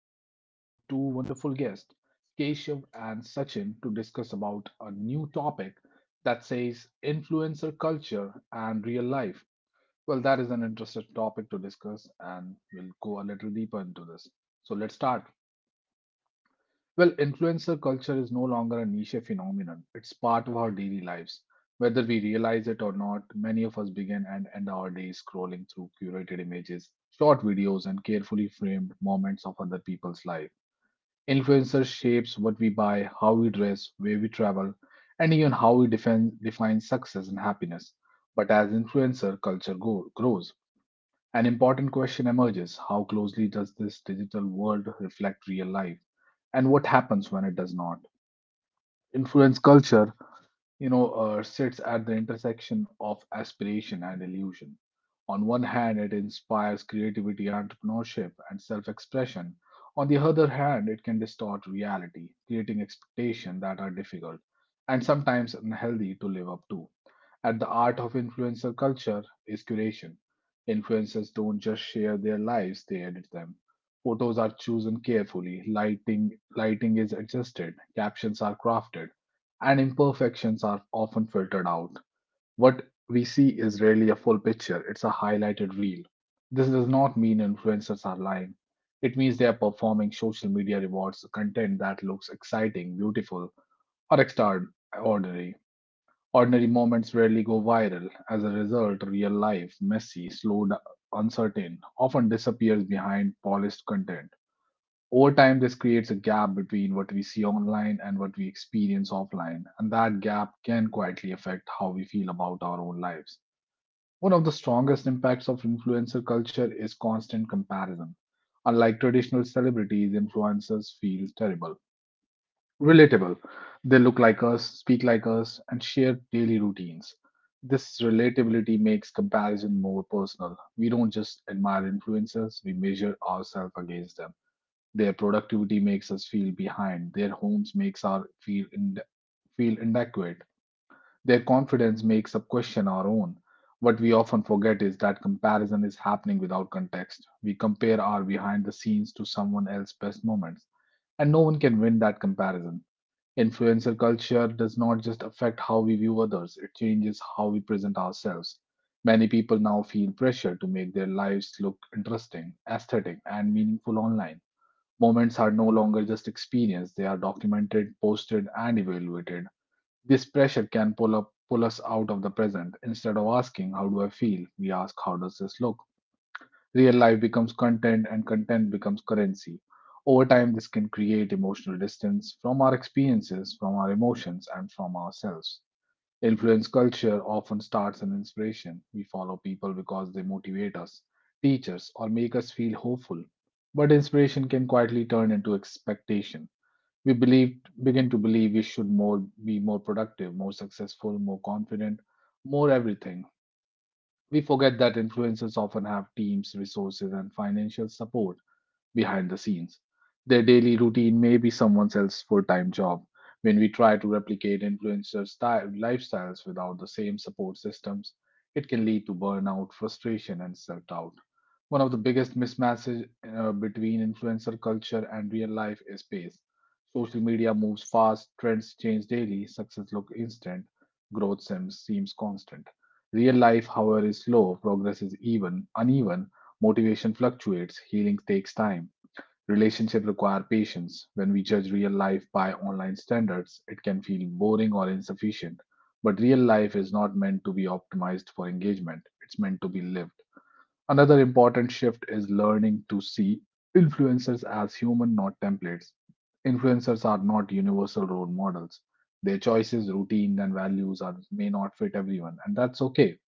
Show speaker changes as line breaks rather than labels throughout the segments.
and today we have two wonderful guests, Keshav and Sachin, to discuss about a new topic that says influencer culture and real life. Well, that is an interesting topic to discuss, and we'll go a little deeper into this. So, let's start. Well, influencer culture is no longer a niche phenomenon. It's part of our daily lives. Whether we realize it or not, many of us begin and end our days scrolling through curated images, short videos, and carefully framed moments of other people's life. Influencer shapes what we buy, how we dress, where we travel, and even how we define success and happiness. But as influencer grows, an important question emerges. How closely does this digital world reflect real life, and what happens when it does not? Influence culture, sits at the intersection of aspiration and illusion. On one hand, it inspires creativity, entrepreneurship, and self expression. On the other hand, it can distort reality, creating expectations that are difficult and sometimes unhealthy to live up to. At the heart of influencer culture is curation. Influencers don't just share their lives, they edit them. Photos are chosen carefully, lighting is adjusted, captions are crafted, and imperfections are often filtered out. What we see is rarely a full picture, it's a highlighted reel. This does not mean influencers are lying. It means they are performing. Social media rewards content that looks exciting, beautiful, or extraordinary. Ordinary moments rarely go viral. As a result, real life, messy, slow, uncertain, often disappears behind polished content. Over time, this creates a gap between what we see online and what we experience offline, and that gap can quietly affect how we feel about our own lives. One of the strongest impacts of influencer culture is constant comparison. Unlike traditional celebrities, influencers feel terrible. Relatable. They look like us, speak like us, and share daily routines. This relatability makes comparison more personal. We don't just admire influencers, we measure ourselves against them. Their productivity makes us feel behind. Their homes makes our feel inadequate. Their confidence makes us question our own. What we often forget is that comparison is happening without context. We compare our behind the scenes to someone else's best moments, and no one can win that comparison. Influencer culture does not just affect how we view others, it changes how we present ourselves. Many people now feel pressure to make their lives look interesting, aesthetic, and meaningful online. Moments are no longer just experienced, they are documented, posted, and evaluated. This pressure can pull us out of the present. Instead of asking how do I feel, we ask how does this look? Real life becomes content and content becomes currency. Over time, this can create emotional distance from our experiences, from our emotions, and from ourselves. Influence culture often starts an inspiration. We follow people because they motivate us, teach us, or make us feel hopeful. But inspiration can quietly turn into expectation. We believe, begin to believe we should more productive, more successful, more confident, more everything. We forget that influencers often have teams, resources, and financial support behind the scenes. Their daily routine may be someone else's full time job. When we try to replicate influencers' lifestyles without the same support systems, it can lead to burnout, frustration, and self doubt. One of the biggest mismatches between influencer culture and real life is pace. Social media moves fast, trends change daily, success looks instant, growth seems constant. Real life, however, is slow, progress is uneven, motivation fluctuates, healing takes time. Relationships require patience. When we judge real life by online standards, it can feel boring or insufficient. But real life is not meant to be optimized for engagement, it's meant to be lived. Another important shift is learning to see influencers as human, not templates. Influencers are not universal role models. Their choices, routines, and may not fit everyone, and that's okay.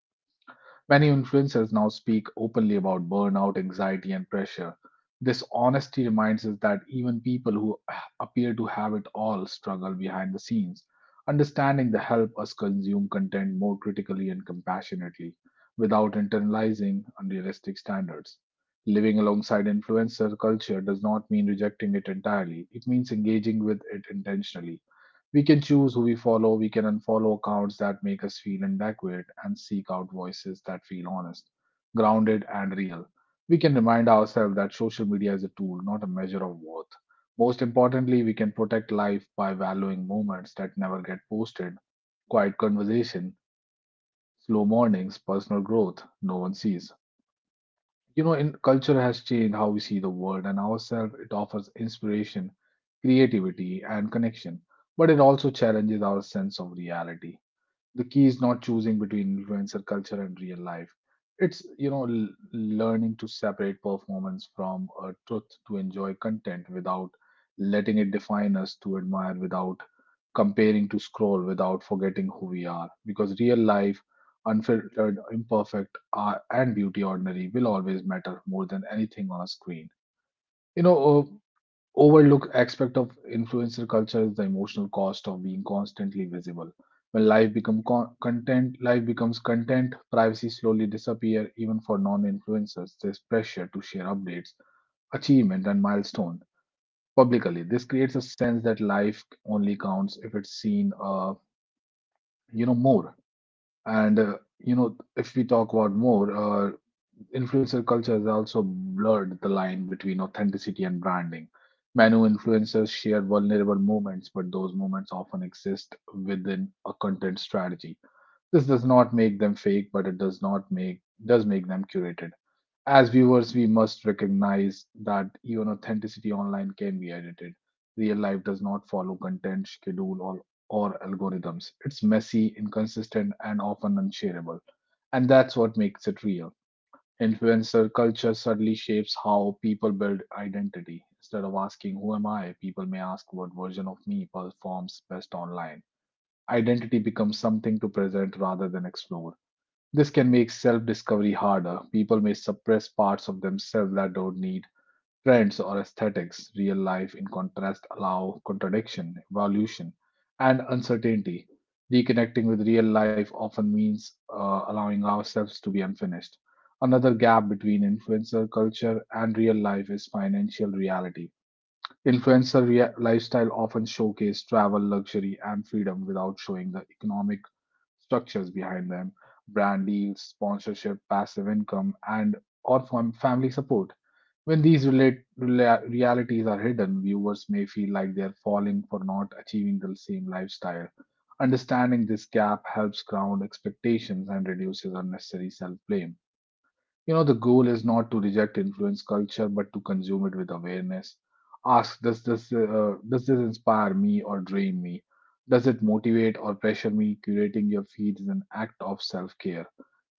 Many influencers now speak openly about burnout, anxiety, and pressure. This honesty reminds us that even people who appear to have it all struggle behind the scenes. Understanding the help us consume content more critically and compassionately without internalizing unrealistic standards. Living alongside influencer culture does not mean rejecting it entirely, it means engaging with it intentionally. We can choose who we follow, we can unfollow accounts that make us feel inadequate, and seek out voices that feel honest, grounded, and real. We can remind ourselves that social media is a tool, not a measure of worth. Most importantly, we can protect life by valuing moments that never get posted, quiet conversation, slow mornings, personal growth no one sees. You know, in culture has changed how we see the world and ourselves. It offers inspiration, creativity, and connection, but it also challenges our sense of reality. The key is not choosing between influencer culture and real life. It's learning to separate performance from truth, to enjoy content without letting it define us, to admire without comparing, to scroll without forgetting who we are, because real life unfiltered imperfect and beauty ordinary will always matter more than anything on a screen. you know uh, overlooked aspect of influencer culture is the emotional cost of being constantly visible. When content, life becomes content. Privacy slowly disappear even for non-influencers. There's pressure to share updates, achievement, and milestone publicly. This creates a sense that life only counts if it's seen, more. And uh, if we talk about more, influencer culture has also blurred the line between authenticity and branding. Manu influencers share vulnerable moments, but those moments often exist within a content strategy. This does not make them fake, but it does not make does make them curated. As viewers, we must recognize that even authenticity online can be edited. Real life does not follow content, schedule, or algorithms. It's messy, inconsistent, and often unshareable. And that's what makes it real. Influencer culture subtly shapes how people build identity. Instead of asking, who am I? People may ask, what version of me performs best online? Identity becomes something to present rather than explore. This can make self discovery harder. People may suppress parts of themselves that don't need trends or aesthetics. Real life in contrast, allow contradiction, evolution, and uncertainty. Reconnecting with real life often means allowing ourselves to be unfinished. Another gap between influencer culture and real life is financial reality. Lifestyle often showcase travel, luxury, and freedom without showing the economic structures behind them, brand deals, sponsorship, passive income, and or family support. When realities are hidden, viewers may feel like they're falling for not achieving the same lifestyle. Understanding this gap helps ground expectations and reduces unnecessary self blame. You know, the goal is not to reject influence culture, but to consume it with awareness. Ask, does this inspire me or drain me? Does it motivate or pressure me? Curating your feed is an act of self care.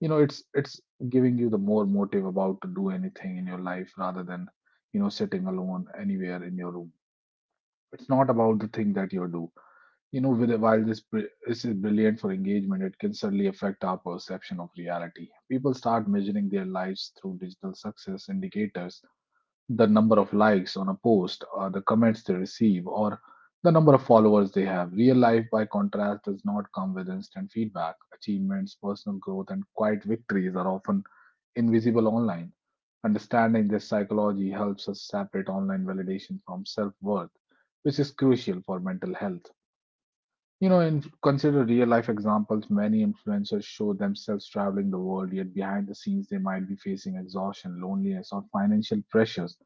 You know, it's giving you the more motive about to do anything in your life, rather than, you know, sitting alone anywhere in your room. It's not about the thing that you do, you know. With while this br- This is brilliant for engagement, it can certainly affect our perception of reality. People start measuring their lives through digital success indicators, the number of likes on a post, or the comments they receive, or the number of followers they have. Real life by contrast does not come with instant feedback. Achievements, personal growth, and quiet victories are often invisible online. Understanding this psychology helps us separate online validation from self worth, which is crucial for mental health. You know, and consider real life examples. Many influencers show themselves traveling the world, yet behind the scenes, they might be facing exhaustion, loneliness, or financial pressures.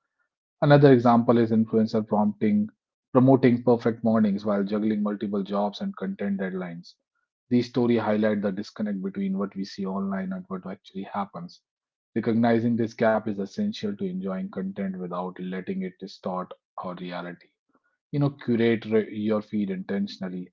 Another example is promoting perfect mornings while juggling multiple jobs and content deadlines. These stories highlight the disconnect between what we see online and what actually happens. Recognizing this gap is essential to enjoying content without letting it distort our reality. You know, your feed intentionally,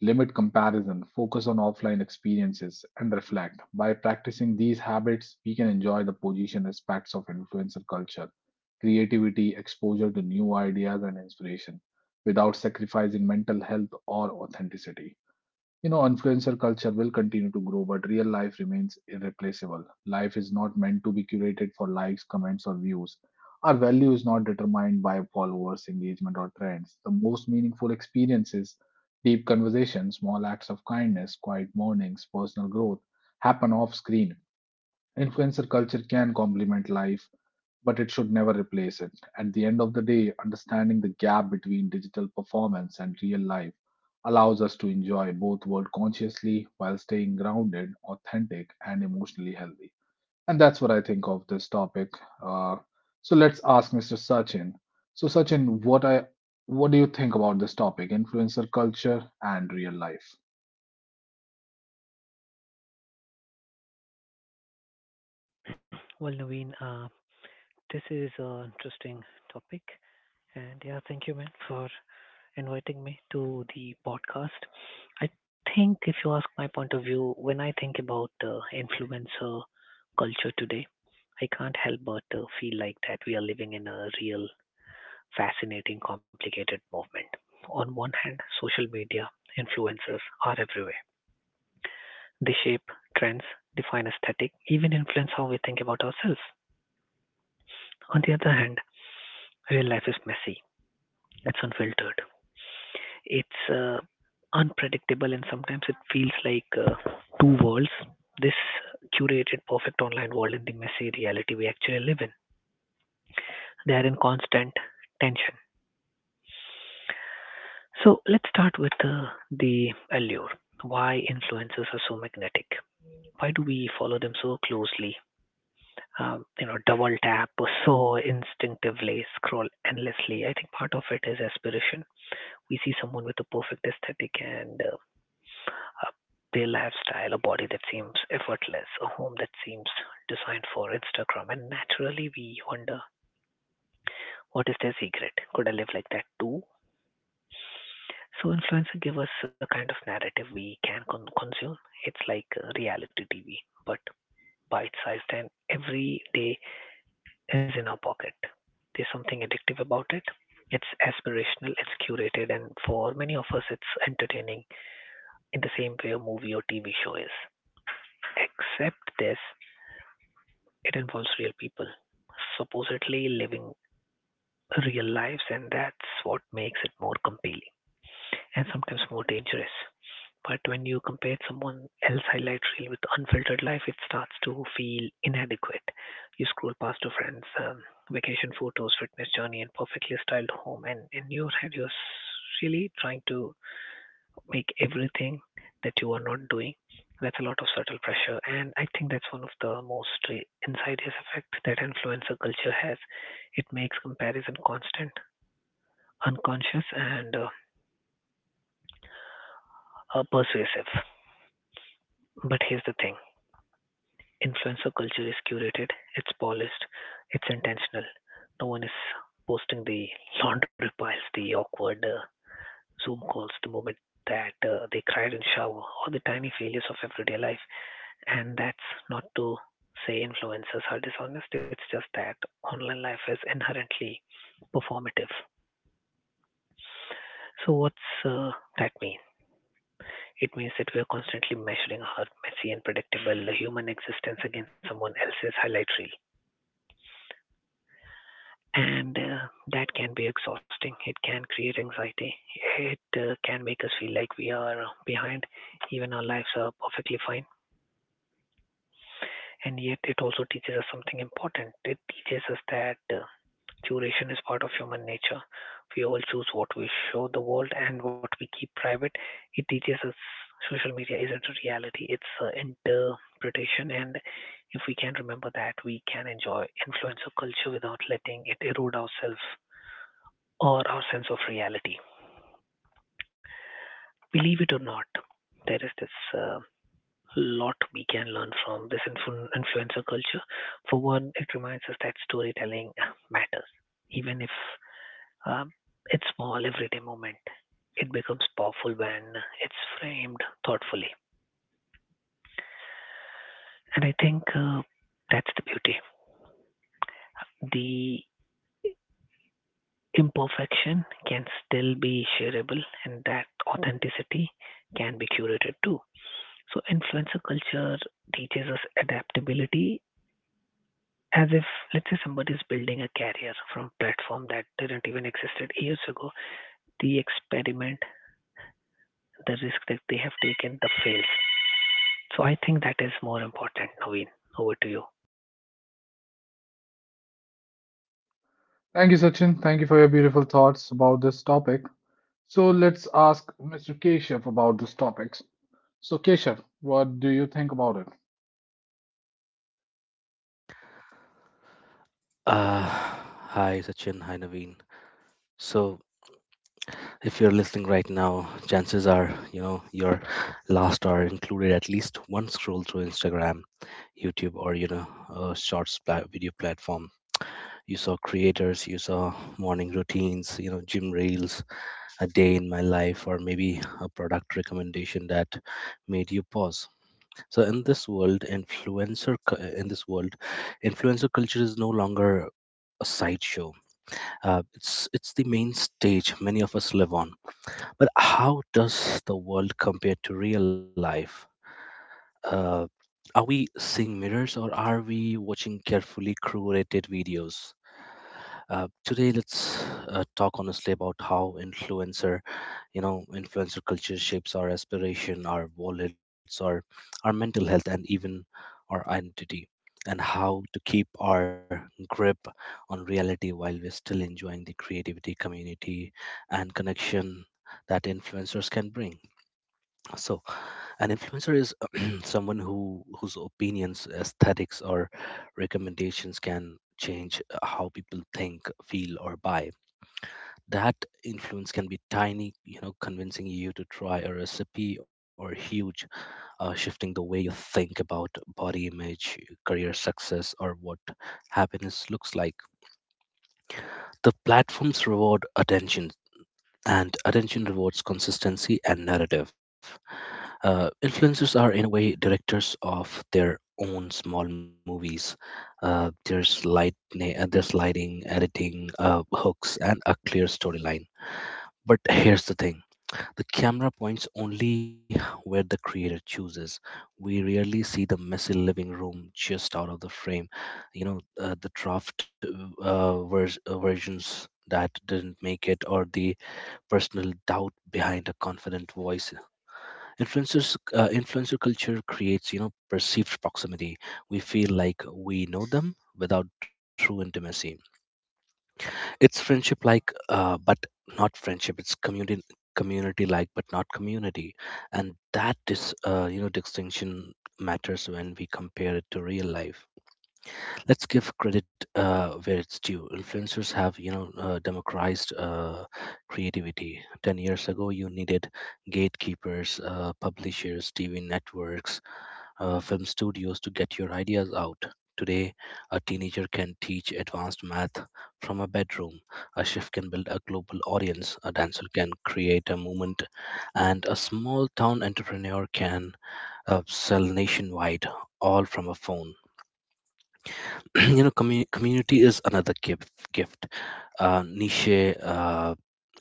limit comparison, focus on offline experiences, and reflect. By practicing these habits, we can enjoy the position aspects of influencer culture, creativity, exposure to new ideas, and inspiration without sacrificing mental health or authenticity. You know, influencer culture will continue to grow, but real life remains irreplaceable. Life is not meant to be curated for likes, comments, or views. Our value is not determined by followers, engagement, or trends. The most meaningful experiences, deep conversations, small acts of kindness, quiet mornings, personal growth happen off screen. Influencer culture can complement life but it should never replace it. At the end of the day, understanding the gap between digital performance and real life allows us to enjoy both worlds consciously while staying grounded, authentic, and emotionally healthy. And that's what I think of this topic. Uh, so let's ask Mr. Sachin. So Sachin, what do you think about this topic, influencer culture and real life?
Well, Naveen, this is an interesting topic. And yeah, thank you, man, for inviting me to the podcast. I think if you ask my point of view, when I think about influencer culture today, I can't help but feel like that we are living in a real, fascinating, complicated movement. On one hand, social media influencers are everywhere. They shape trends, define aesthetic, even influence how we think about ourselves. On the other hand, real life is messy. It's unfiltered. It's unpredictable, and sometimes it feels like two worlds. This curated, perfect online world and the messy reality we actually live in. They are in constant tension. So let's start with the allure. Why influencers are so magnetic? Why do we follow them so closely? You know, double tap so instinctively, scroll endlessly. I think part of it is aspiration. We see someone with a perfect aesthetic and a they lifestyle, a body that seems effortless, a home that seems designed for Instagram. And naturally, we wonder, what is their secret? Could I live like that too? So, influencers give us a kind of narrative we can consume. It's like reality TV, but bite sized, and every day is in our pocket. There's something addictive about it. It's aspirational, it's curated, and for many of us, it's entertaining in the same way a movie or TV show is. Except this, it involves real people, supposedly living real lives, and that's what makes it more compelling and sometimes more dangerous. But when you compare someone else's highlight reel with unfiltered life, it starts to feel inadequate. You scroll past your friends' vacation photos, fitness journey, and perfectly styled home, and in your head, you're really trying to make everything that you are not doing. That's a lot of subtle pressure, and I think that's one of the most insidious effects that influencer culture has. It makes comparison constant, unconscious, and persuasive. But here's the thing, influencer culture is curated, it's polished, it's intentional. No one is posting the laundry piles, the awkward Zoom calls, the moment that they cried in shower, or the tiny failures of everyday life. And that's not to say influencers are dishonest, it's just that online life is inherently performative. So, what's that mean? It means that we are constantly measuring our messy and predictable human existence against someone else's highlight reel. And that can be exhausting. It can create anxiety. It can make us feel like we are behind, even our lives are perfectly fine. And yet, it also teaches us something important. It teaches us that curation is part of human nature. We all choose what we show the world and what we keep private. It teaches us social media isn't a reality, it's interpretation. And if we can remember that, we can enjoy influencer culture without letting it erode ourselves or our sense of reality. Believe it or not, there is this lot we can learn from this influencer culture. For one, it reminds us that storytelling matters, even if Um, it's small, everyday moment. It becomes powerful when it's framed thoughtfully. And I think that's the beauty. The imperfection can still be shareable, and that authenticity can be curated too. So, influencer culture teaches us adaptability as if, let's say, somebody is building a career from platform that didn't even existed years ago. The experiment, the risk that they have taken, the fails. So I think that is more important, Naveen. Over to you.
Thank you, Sachin. Thank you for your beautiful thoughts about this topic. So let's ask Mr. Keshav about these topics. So, Keshav, what do you think about it?
Hi, Sachin. Hi, Naveen. So, if you're listening right now, chances are, your last hour included at least one scroll through Instagram, YouTube, or, a video platform. You saw creators, you saw morning routines, gym reels, a day in my life, or maybe a product recommendation that made you pause. So, in this world, in this world, influencer culture is no longer a sideshow. It's the main stage many of us live on. But how does the world compare to real life? Uh, are we seeing mirrors, or are we watching carefully curated videos? Today, let's talk honestly about how influencer culture shapes our aspiration, our wallets, our mental health, and even our identity, and how to keep our grip on reality while we're still enjoying the creativity, community, and connection that influencers can bring. So, an influencer is someone who whose opinions, aesthetics, or recommendations can change how people think, feel, or buy. That influence can be tiny, convincing you to try a recipe, or huge, shifting the way you think about body image, career success, or what happiness looks like. The platforms reward attention, and attention rewards consistency and narrative. Influencers are, in a way, directors of their own small movies. There's lighting, editing, hooks, and a clear storyline. But here's the thing: the camera points only where the creator chooses. We rarely see the messy living room just out of the frame. The draft versions that didn't make it, or the personal doubt behind a confident voice. Influencer culture creates, perceived proximity. We feel like we know them without true intimacy. It's friendship like but not friendship. It's community, community like but not community. And that is, distinction matters when we compare it to real life. Let's give credit where it's due. Influencers have, democratized creativity. 10 years ago, you needed gatekeepers, publishers, TV networks, film studios, to get your ideas out. Today, a teenager can teach advanced math from a bedroom. A chef can build a global audience. A dancer can create a movement, and a small town entrepreneur can sell nationwide, all from a phone. Community is another gift. Niche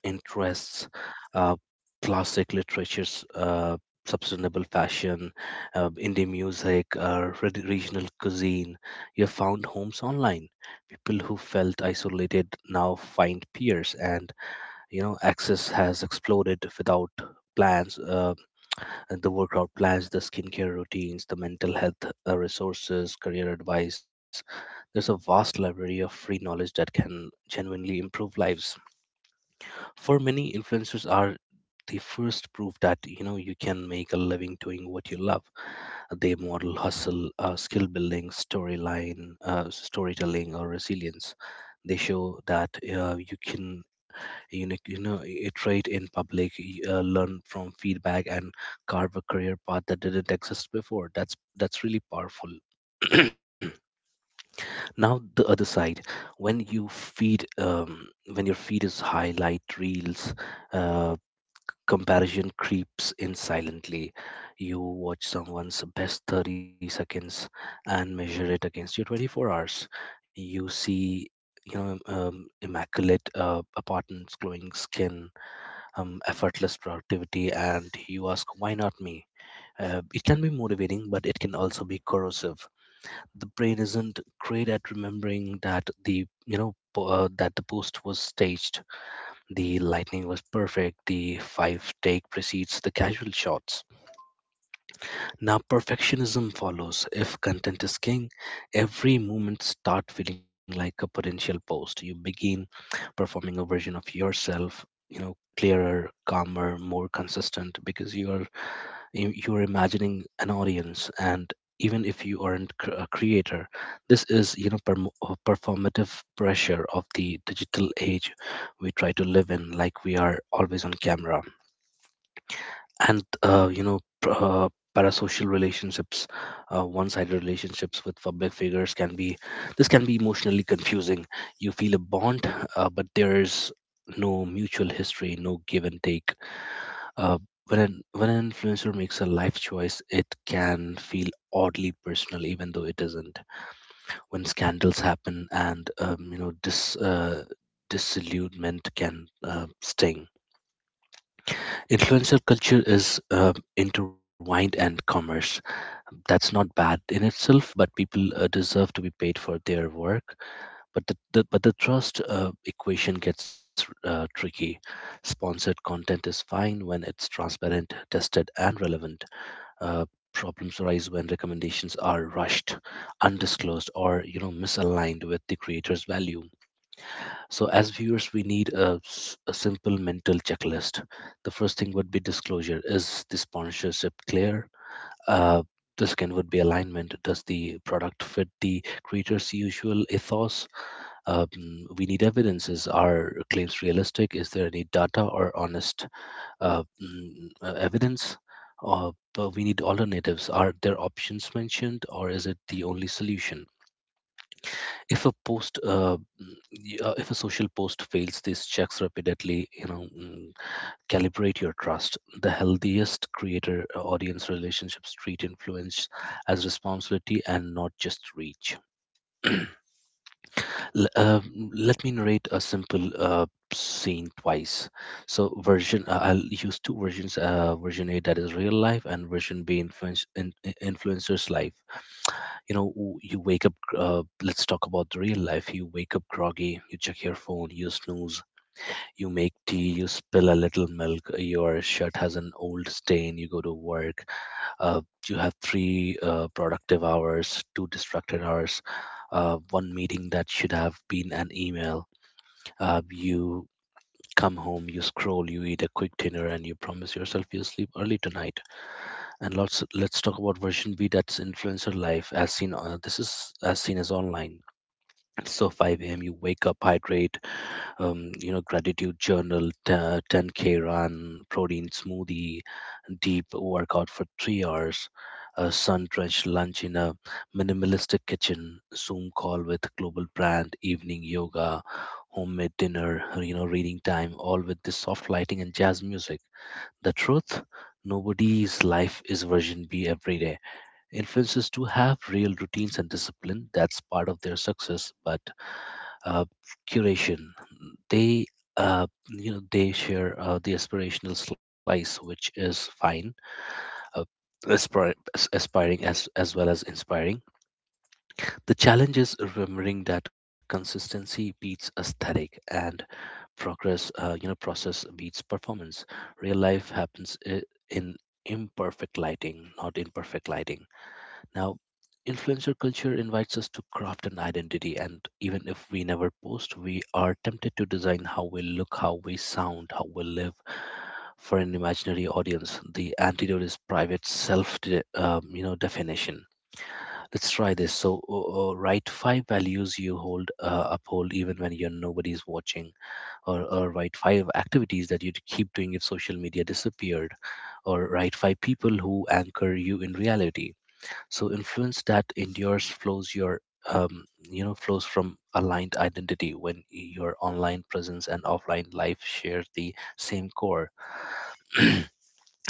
interests, uh, classic literatures, sustainable fashion, indie music, regional cuisine, you found homes online. People who felt isolated now find peers, and, access has exploded without plans. The workout plans, the skincare routines, the mental health resources, career advice. There's a vast library of free knowledge that can genuinely improve lives. For many, influencers are the first proof that, you can make a living doing what you love. They model hustle, skill building, storyline, storytelling, or resilience. They show that you can, iterate in public, learn from feedback, and carve a career path that didn't exist before. That's really powerful. Now the other side: when you feed um, when your feed is highlight reels, uh, comparison creeps in silently. You watch someone's best 30 seconds and measure it against your 24 hours. You see, immaculate apartments, glowing skin, effortless productivity, and you ask, why not me? It can be motivating, but it can also be corrosive. The brain isn't great at remembering that the you know po- that the post was staged, the lightning was perfect, the five take precedes the casual shots. Now perfectionism follows. If content is king, every moment start feeling like a potential post. You begin performing a version of yourself, clearer, calmer, more consistent, because you're imagining an audience. And even if you aren't a creator, this is, performative pressure of the digital age. We try to live in like we are always on camera. And, parasocial relationships, one-sided relationships with public figures, can be, this can be emotionally confusing. You feel a bond, but there is no mutual history, no give and take. uh, when an influencer makes a life choice, it can feel oddly personal even though it isn't. When scandals happen, and, disillusionment can sting. Influencer culture is intertwined and commerce. That's not bad in itself, but people deserve to be paid for their work. But the trust equation gets tricky. Sponsored content is fine when it's transparent, tested, and relevant. Uh, Problems arise when recommendations are rushed, undisclosed, or, misaligned with the creator's value. So, as viewers, we need a simple mental checklist. The first thing would be disclosure. Is the sponsorship clear? Uh, the second would be alignment. Does the product fit the creator's usual ethos? Um, we need evidences. Are claims realistic? Is there any data or honest evidence? But we need alternatives. Are there options mentioned, or is it the only solution? If a post mm, y- if a social post fails these checks repeatedly, calibrate your trust. The healthiest creator audience relationships treat influence as responsibility and not just reach. L- uh, Let me narrate a simple scene twice. So version I'll use two versions. Version A, that is real life, and version B, influencer's life. You wake up. Let's talk about the real life. You wake up groggy. You check your phone. You snooze. You make tea. You spill a little milk. Your shirt has an old stain. You go to work. Uh, you have three productive hours, two distracted hours, one meeting that should have been an email. You come home, you scroll, you eat a quick dinner, and you promise yourself you'll sleep early tonight. And lots. Let's talk about version B. That's influencer life, as seen. This is as seen as online. So 5 a.m. you wake up, hydrate, gratitude journal, 10K run, protein smoothie, deep workout for 3 hours, a sun-drenched lunch in a minimalistic kitchen, Zoom call with global brand, evening yoga, homemade dinner, reading time, all with this soft lighting and jazz music. The truth, nobody's life is version B every day. Influencers do have real routines and discipline. That's part of their success, but, uh, curation. They, they share the aspirational slice, which is fine, uh, aspiring as well as inspiring. The challenge is remembering that consistency beats aesthetic, and progress you know process beats performance. Real life happens in imperfect lighting, not in perfect lighting. Now, influencer culture invites us to craft an identity, and even if we never post, we are tempted to design how we look, how we sound, how we live for an imaginary audience. The antidote is private self, definition. Let's try this. So, write five values you hold uphold even when you're nobody's watching, or write five activities that you'd keep doing if social media disappeared, or write five people who anchor you in reality. So influence that endures flows your, flows from aligned identity when your online presence and offline life share the same core.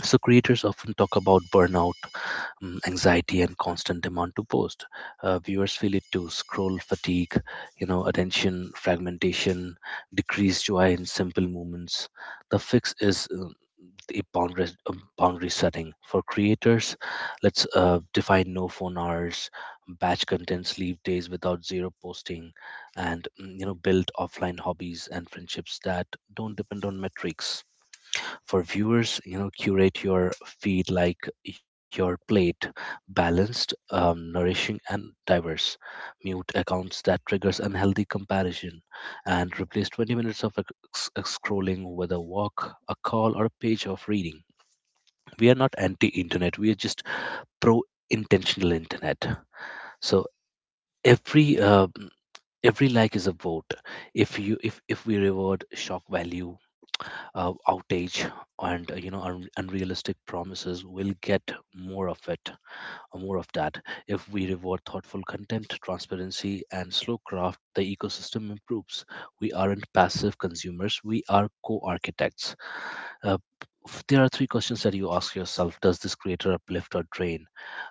So creators often talk about burnout, anxiety, and constant demand to post. Viewers feel it too: scroll fatigue, attention fragmentation, decreased joy in simple moments. The fix is, the boundary, boundary setting. For creators, let's define no phone hours, batch contents, leave days without zero posting, and, build offline hobbies and friendships that don't depend on metrics. For viewers, curate your feed like your plate: balanced, nourishing, and diverse. Mute accounts that triggers unhealthy comparison, and replace 20 minutes of scrolling with a walk, a call, or a page of reading. We are not anti internet, we are just pro intentional internet. So every uh, every like is a vote. If you if we reward shock value, outage, and, unrealistic promises, we'll get more of it, or more of that. If we reward thoughtful content, transparency, and slow craft, the ecosystem improves. We aren't passive consumers, we are co-architects. uh, there are three questions that you ask yourself. Does this creator uplift or drain?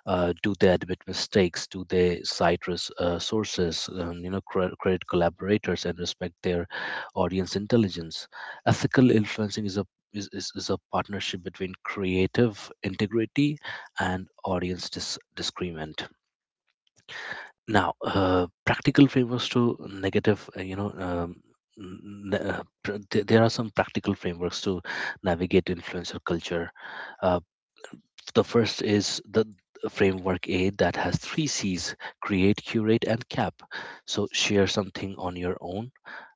Do they admit mistakes? Do they cite sources, credit collaborators, and respect their audience intelligence? Ethical influencing is a partnership between creative integrity and audience discernment. Now, practical frameworks to negative you know n- n- pr- th- there are some practical frameworks to navigate influencer culture. uh, the first is the framework A, that has three C's: create, curate, and cap. So share something on your own,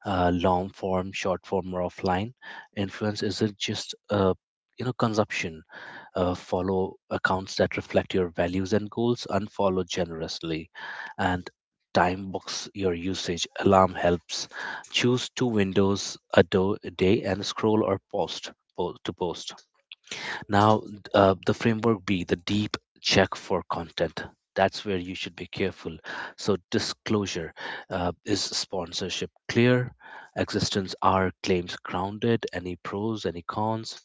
long form, short form, or offline. Influence isn't just consumption. Follow accounts that reflect your values and goals, unfollow generously, and time box your usage. Alarm helps. Choose two windows a day, and scroll or to post. Now, the framework B, the deep check for content. That's where you should be careful. So, disclosure, is sponsorship clear? Existence, are claims grounded? Any pros, any cons?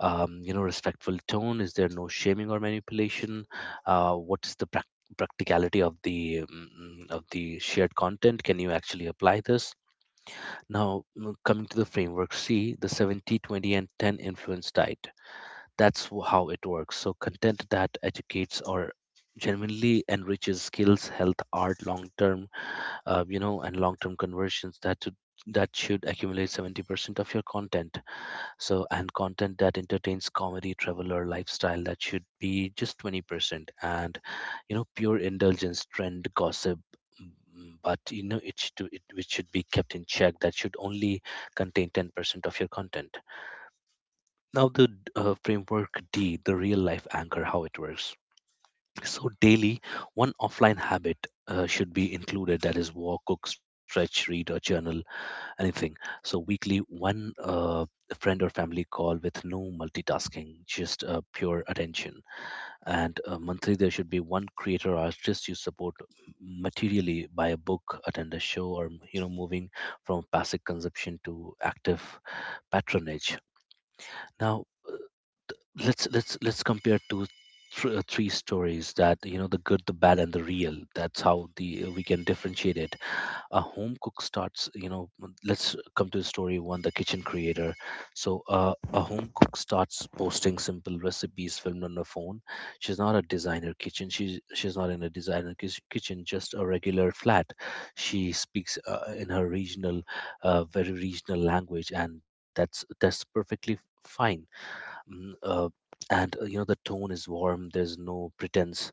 Respectful tone, is there no shaming or manipulation? What's the practicality of the of the shared content? Can you actually apply this? Now, coming to the framework C, the 70 20 and 10 influence diet. That's how it works. So content that educates or genuinely enriches skills, health, art, long term, and long term conversions, that should, accumulate 70% of your content. So, and content that entertains, comedy, travel, or lifestyle, that should be just 20%. And pure indulgence, trend, gossip, but you know it it should be kept in check. That should only contain 10% of your content. Now, the framework D, the real life anchor. How it works: so daily, one offline habit should be included. That is walk, cook, stretch, read, or journal, anything. So weekly, one friend or family call with no multitasking, just pure attention. And monthly, there should be one creator or artist you support materially, by a book, attend a show, or you know, moving from passive consumption to active patronage. Now, let's compare three stories, that you know, the good, the bad, and the real. That's how the we can differentiate it. A home cook starts you know Let's come to the story one, the kitchen creator. So a home cook starts posting simple recipes filmed on her phone. She's not in a designer kitchen, just a regular flat. She speaks in her regional very regional language, and that's perfectly fine. Mm, and you know The tone is warm, there's no pretense.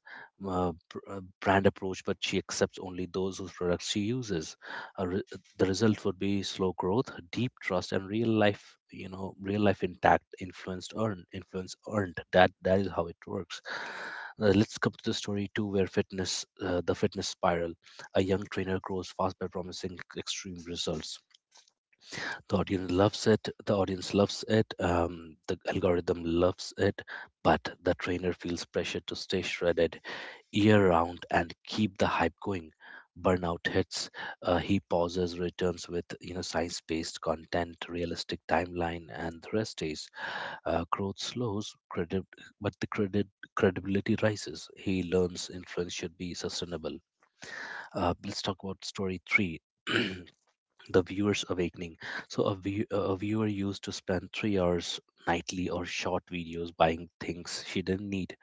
Brand approach, but she accepts only those whose products she uses. uh, re- the result would be slow growth, deep trust, and real life, you know, real life intact, influence earned. That is how it works. Let's come to the story two, where fitness the fitness spiral. A young trainer grows fast by promising extreme results. The audience loves it, the algorithm loves it, but the trainer feels pressure to stay shredded year round and keep the hype going. Burnout hits. He pauses, returns with science-based content, realistic timeline, and the rest is, growth slows credit but the credit credibility rises. He learns influence should be sustainable. Uh, let's talk about story three, the viewer's awakening. So a viewer used to spend 3 hours nightly or short videos buying things she didn't need.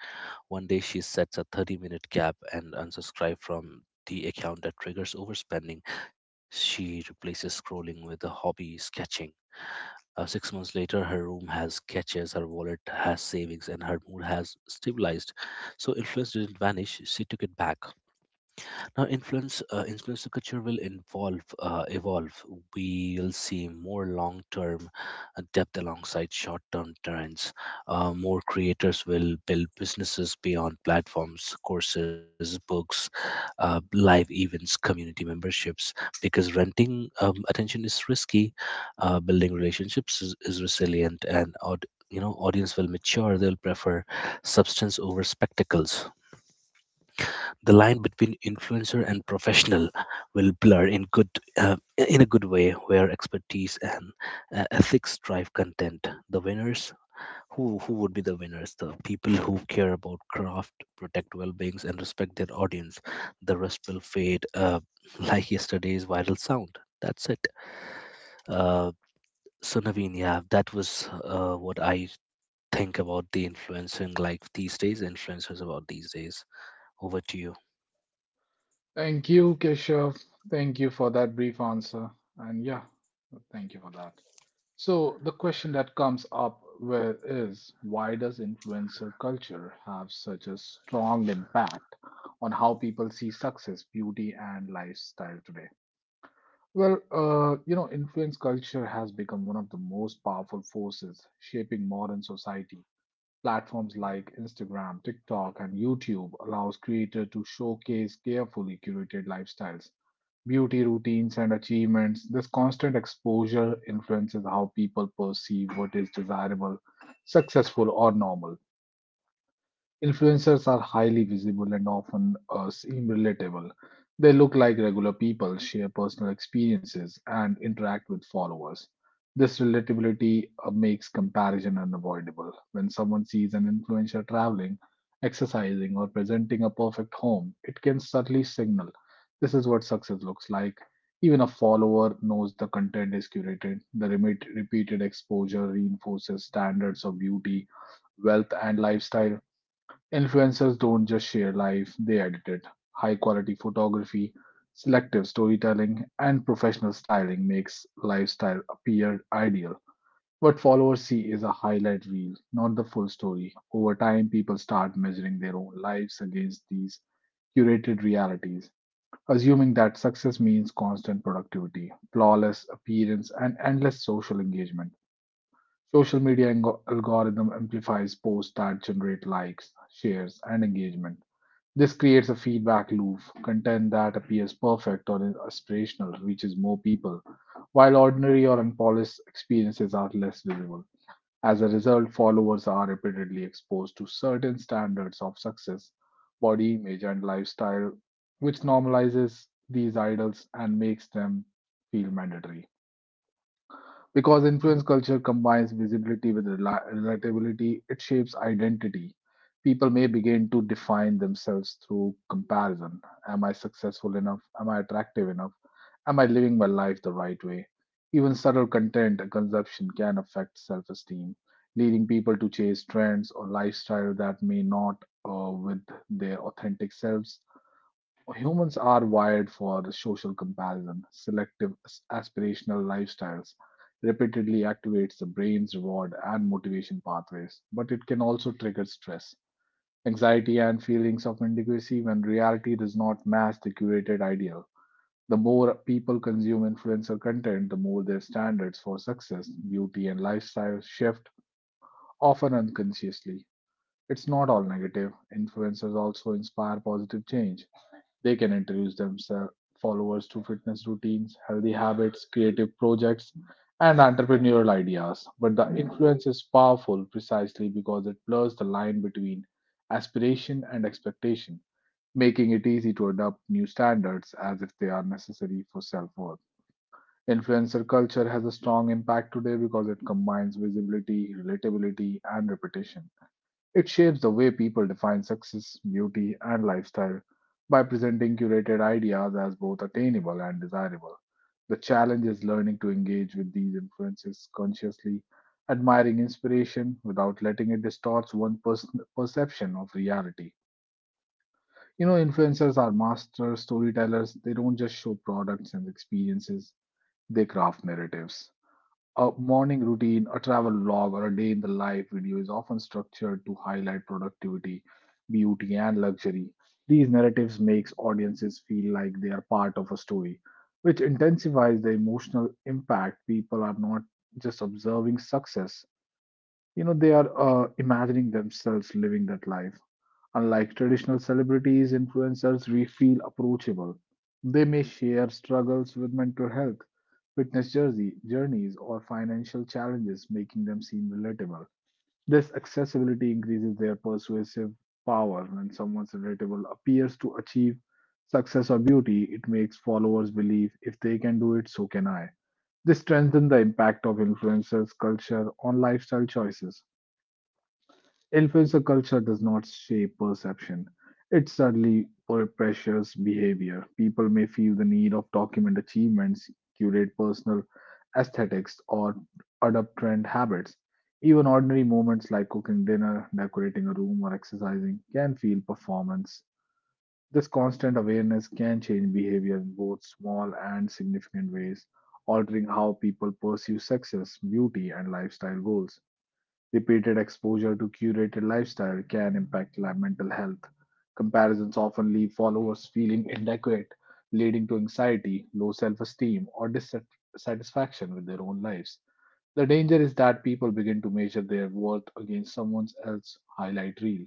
One day she sets a 30-minute cap and unsubscribes from the account that triggers overspending. She replaces scrolling with a hobby, sketching. 6 months later, her room has sketches, her wallet has savings, and her mood has stabilized. So influence didn't vanish; she took it back. Now, influencer culture will involve evolve. We'll see more long-term depth alongside short-term trends. More creators will build businesses beyond platforms: courses, books, live events, community memberships. Because renting attention is risky, building relationships is resilient, and audience will mature. They'll prefer substance over spectacles. The line between influencer and professional will blur in good uh, in a good way, where expertise and ethics drive content. The winners, who would be the winners? The people who care about craft, protect well-beings, and respect their audience. The rest will fade, like yesterday's viral sound. That's it. uh, so Naveen, yeah, that was what I think about the influencing, like these days influencers about these days. Over to you.
Thank you, Keshav. Thank you for that brief answer. And yeah, thank you for that. So, the question that comes up with is why does influencer culture have such a strong impact on how people see success, beauty, and lifestyle today? Well, you know, influence culture has become one of the most powerful forces shaping modern society. Platforms like Instagram, TikTok, and YouTube allows creators to showcase carefully curated lifestyles, beauty routines, and achievements. This constant exposure influences how people perceive what is desirable, successful, or normal. Influencers are highly visible and often seem relatable. They look like regular people, share personal experiences, and interact with followers. This relatability makes comparison unavoidable. When someone sees an influencer traveling, exercising, or presenting a perfect home, it can subtly signal this is what success looks like. Even a follower knows the content is curated. The repeated exposure reinforces standards of beauty, wealth, and lifestyle. Influencers don't just share life, they edit it. High quality photography, selective storytelling, and professional styling makes lifestyle appear ideal. What followers see is a highlight reel, not the full story. Over time, people start measuring their own lives against these curated realities, assuming that success means constant productivity, flawless appearance, and endless social engagement. Social media algorithm amplifies posts that generate likes, shares, and engagement. This creates a feedback loop. Content that appears perfect or aspirational reaches more people, while ordinary or unpolished experiences are less visible. As a result, followers are repeatedly exposed to certain standards of success, body image, and lifestyle, which normalizes these idols and makes them feel mandatory. Because influence culture combines visibility with relatability, it shapes identity. People may begin to define themselves through comparison. Am I successful enough? Am I attractive enough? Am I living my life the right way? Even subtle content and consumption can affect self esteem, leading people to chase trends or lifestyle that may not with their authentic selves. Humans are wired for social comparison. Selective aspirational lifestyles repeatedly activates the brain's reward and motivation pathways, but it can also trigger stress, anxiety, and feelings of inadequacy when reality does not match the curated ideal. The more people consume influencer content, the more their standards for success, beauty, and lifestyle shift, often unconsciously. It's not all negative. Influencers also inspire positive change. They can introduce themselves followers to fitness routines, healthy habits, creative projects, and entrepreneurial ideas. But the influence is powerful precisely because it blurs the line between aspiration and expectation, making it easy to adopt new standards as if they are necessary for self worth. Influencer culture has a strong impact today because it combines visibility, relatability, and repetition. It shapes the way people define success, beauty, and lifestyle by presenting curated ideas as both attainable and desirable. The challenge is learning to engage with these influences consciously, admiring inspiration without letting it distort one's perception of reality. You know, influencers are master storytellers. They don't just show products and experiences, they craft narratives. A morning routine, a travel log, or a day in the life video is often structured to highlight productivity, beauty, and luxury. These narratives makes audiences feel like they are part of a story, which intensifies the emotional impact. People are not just observing success; you know, they are imagining themselves living that life. Unlike traditional celebrities, influencers we feel approachable. They may share struggles with mental health, journeys, or financial challenges, making them seem relatable. This accessibility increases their persuasive power. When someone's relatable appears to achieve success or beauty, it makes followers believe if they can do it, so can I. This strengthens the impact of influencers' culture on lifestyle choices. Influencer culture does not shape perception. It sadly pressures behavior. People may feel the need of document achievements, curate personal aesthetics, or adopt trend habits. Even ordinary moments like cooking dinner, decorating a room, or exercising can feel performance. This constant awareness can change behavior in both small and significant ways, altering how people pursue success, beauty, and lifestyle goals. Repeated exposure to curated lifestyle can impact mental health. Comparisons often leave followers feeling inadequate, leading to anxiety, low self esteem, or dissatisfaction with their own lives. The danger is that people begin to measure their worth against someone else's highlight reel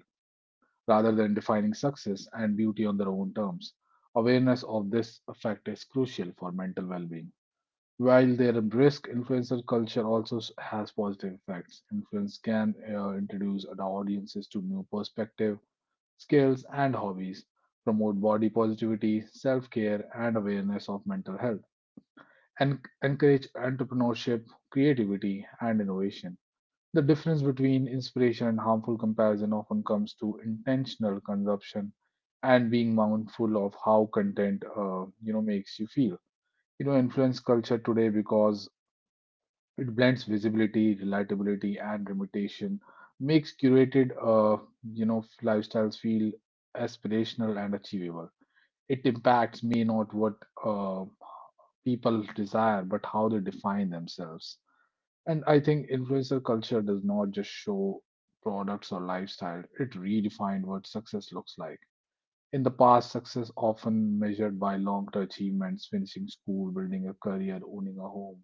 rather than defining success and beauty on their own terms. Awareness of this effect is crucial for mental well being. While their brisk influencer culture also has positive effects, influence can introduce the audiences to new perspective, skills, and hobbies, promote body positivity, self-care, and awareness of mental health, and encourage entrepreneurship, creativity, and innovation. The difference between inspiration and harmful comparison often comes to intentional consumption and being mindful of how content, you know, makes you feel. You know influence culture today because it blends visibility, relatability, and limitation, makes curated, you know, lifestyles feel aspirational and achievable. It impacts may not what uh, people desire, but how they define themselves. And I think influencer culture does not just show products or lifestyle; it redefined what success looks like. In the past, success often measured by long-term achievements, finishing school, building a career, owning a home.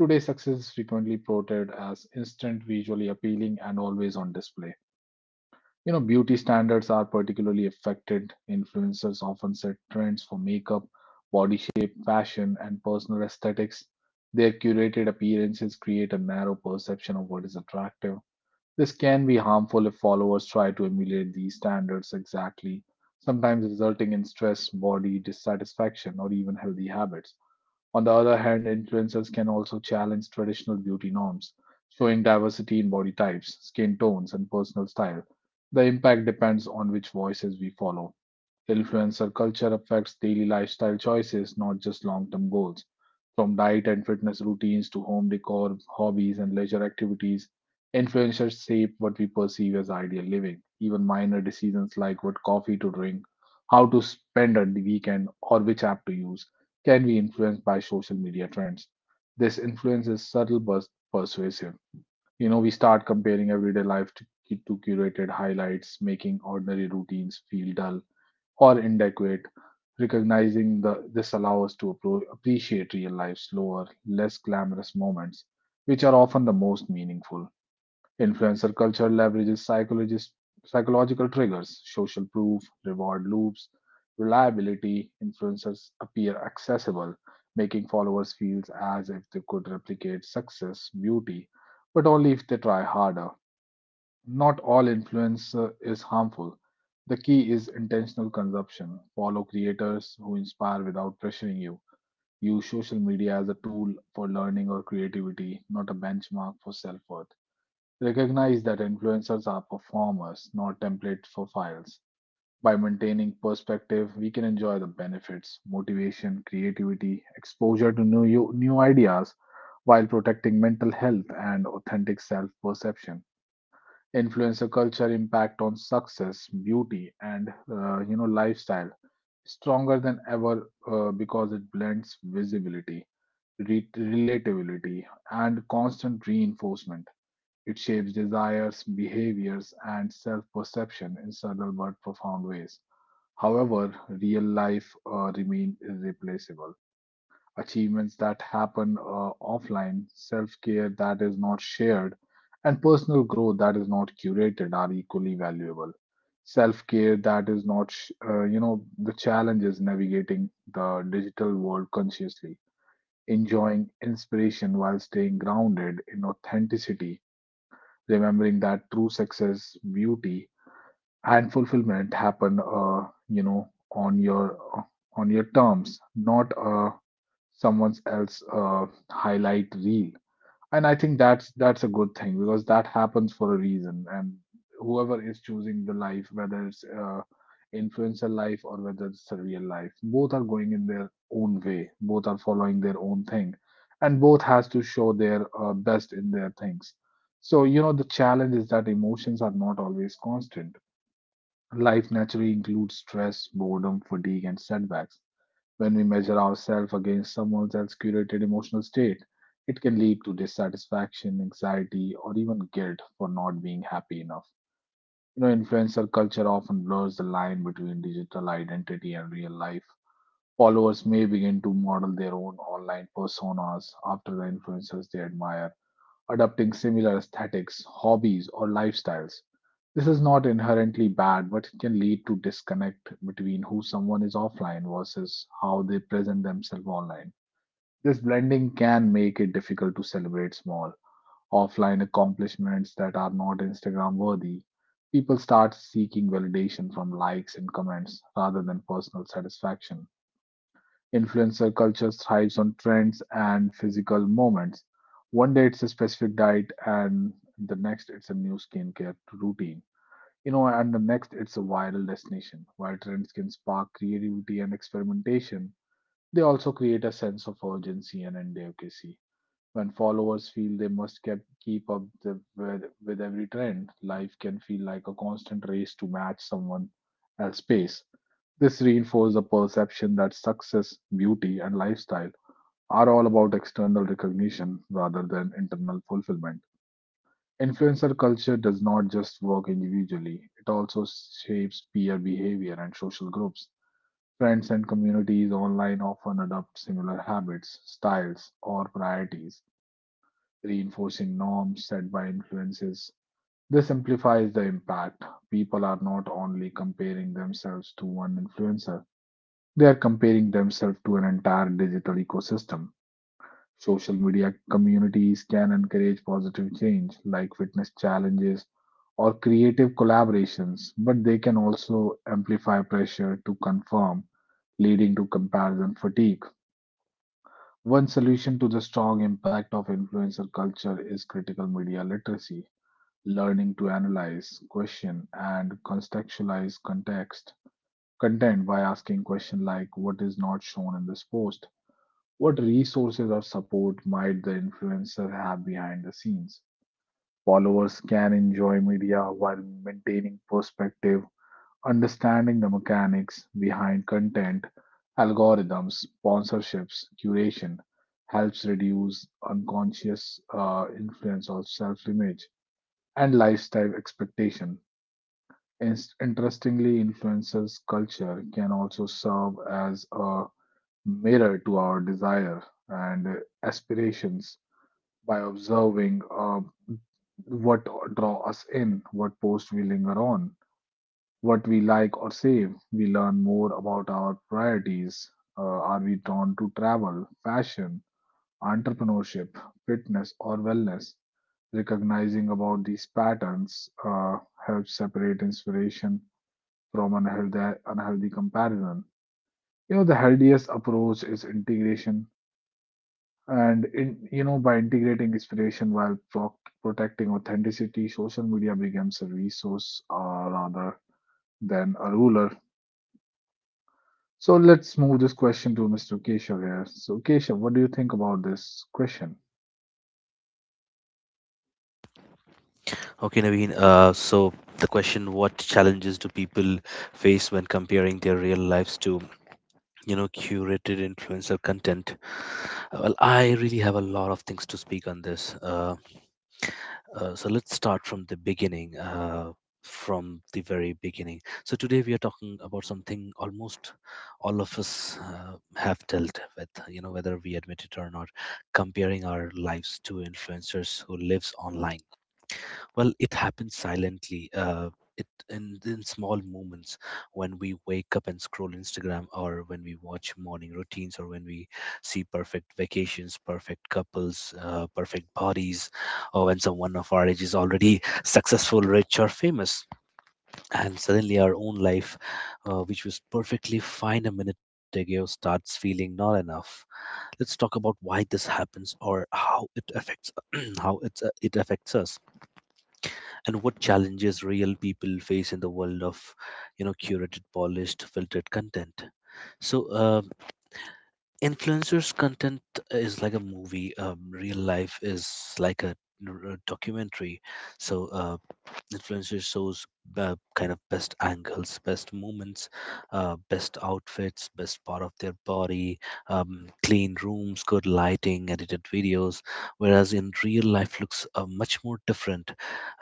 Today, success is frequently portrayed as instant, visually appealing, and always on display. You know, beauty standards are particularly affected. Influencers often set trends for makeup, body shape, fashion, and personal aesthetics. Their curated appearances create a narrow perception of what is attractive. This can be harmful if followers try to emulate these standards exactly, sometimes resulting in stress, body dissatisfaction, or even healthy habits. On the other hand, influencers can also challenge traditional beauty norms, showing diversity in body types, skin tones, and personal style. The impact depends on which voices we follow. Influencer culture affects daily lifestyle choices, not just long term goals. From diet and fitness routines to home decor, hobbies, and leisure activities, influencers shape what we perceive as ideal living. Even minor decisions like what coffee to drink, how to spend a weekend, or which app to use can be influenced by social media trends. This influence is subtle but persuasive. You know, we start comparing everyday life to curated highlights, making ordinary routines feel dull or inadequate. Recognizing this allows us to appreciate real life's slower, less glamorous moments, which are often the most meaningful. Influencer culture leverages psychological triggers, social proof, reward loops, reliability. Influencers appear accessible, making followers feel as if they could replicate success, beauty, but only if they try harder. Not all influence is harmful. The key is intentional consumption. Follow creators who inspire without pressuring you. Use social media as a tool for learning or creativity, not a benchmark for self worth. Recognize that influencers are performers, not templates for files. By maintaining perspective, we can enjoy the benefits, motivation, creativity, exposure to new ideas while protecting mental health and authentic self perception. Influencer culture impact on success, beauty, and you know lifestyle stronger than ever because it blends visibility, relatability, and constant reinforcement. It shapes desires, behaviors, and self-perception in subtle but profound ways. However, real life remain irreplaceable. Achievements that happen offline, self care that is not shared, and personal growth that is not curated are equally valuable. Self care that is not, sh- you know, the challenge is navigating the digital world consciously, enjoying inspiration while staying grounded in authenticity, remembering that true success, beauty, and fulfillment happen, you know, on your terms, not someone else highlight reel. And I think that's a good thing because that happens for a reason, and whoever is choosing the life, whether it's influencer life or whether it's a real life, both are going in their own way, both are following their own thing, and both has to show their best in their things. So you know, the challenge is that emotions are not always constant. Life naturally includes stress, boredom, fatigue, and setbacks. When we measure ourselves against someone else's curated emotional state, it can lead to dissatisfaction, anxiety, or even guilt for not being happy enough. You know, influencer culture often blurs the line between digital identity and real life. Followers may begin to model their own online personas after the influencers they admire, adopting similar aesthetics, hobbies, or lifestyles. This is not inherently bad, but it can lead to disconnect between who someone is offline versus how they present themselves online. This blending can make it difficult to celebrate small offline accomplishments that are not Instagram worthy. People start seeking validation from likes and comments rather than personal satisfaction. Influencer culture thrives on trends and physical moments. One day it's a specific diet, and the next it's a new skincare routine, you know, and the next it's a viral destination. While trends can spark creativity and experimentation, they also create a sense of urgency and advocacy. When followers feel they must keep up with every trend, life can feel like a constant race to match someone else's pace. This reinforces the perception that success, beauty, and lifestyle are all about external recognition rather than internal fulfillment. Influencer culture does not just work individually, it also shapes peer behavior and social groups. Friends and communities online often adopt similar habits, styles, or priorities, reinforcing norms set by influences. This amplifies the impact. People are not only comparing themselves to one influencer, they are comparing themselves to an entire digital ecosystem. Social media communities can encourage positive change, like fitness challenges or creative collaborations, but they can also amplify pressure to conform, leading to comparison fatigue. One solution to the strong impact of influencer culture is critical media literacy, learning to analyze, question, and contextualize context content by asking questions like what is not shown in this post, what resources or support might the influencer have behind the scenes? Followers can enjoy media while maintaining perspective. Understanding the mechanics behind content, algorithms, sponsorships, curation helps reduce unconscious influence of self-image and lifestyle expectation. In- Interestingly, influencers' culture can also serve as a mirror to our desire and aspirations by observing what draw us in, what posts we linger on, what we like or save. We learn more about our priorities. Are we drawn to travel, fashion, entrepreneurship, fitness, or wellness? Recognizing about these patterns helps separate inspiration from unhealthy comparison. You know, the healthiest approach is integration. And in, you know, by integrating inspiration while protecting authenticity, social media becomes a resource, rather than a ruler. So let's move this question to Mr. Keshav here. So Keshav, what do you think about this question?
Okay, Naveen. So the question, what challenges do people face when comparing their real lives to, you know, curated influencer content? Well, I really have a lot of things to speak on this. So let's start from the beginning, from the very beginning. So today we are talking about something almost all of us have dealt with, you know, whether we admit it or not, comparing our lives to influencers who lives online. Well, it happens silently. It in small moments, when we wake up and scroll Instagram, or when we watch morning routines, or when we see perfect vacations, perfect couples, perfect bodies, or when someone of our age is already successful, rich, or famous, and suddenly our own life, which was perfectly fine a minute ago, starts feeling not enough. Let's talk about why this happens, or how it affects, how it affects us, and what challenges real people face in the world of curated, polished, filtered content. So, influencers content is like a movie, real life is like a documentary. So influencer shows kind of best angles, best moments, best outfits, best part of their body, clean rooms, good lighting, edited videos. Whereas in real life looks much more different.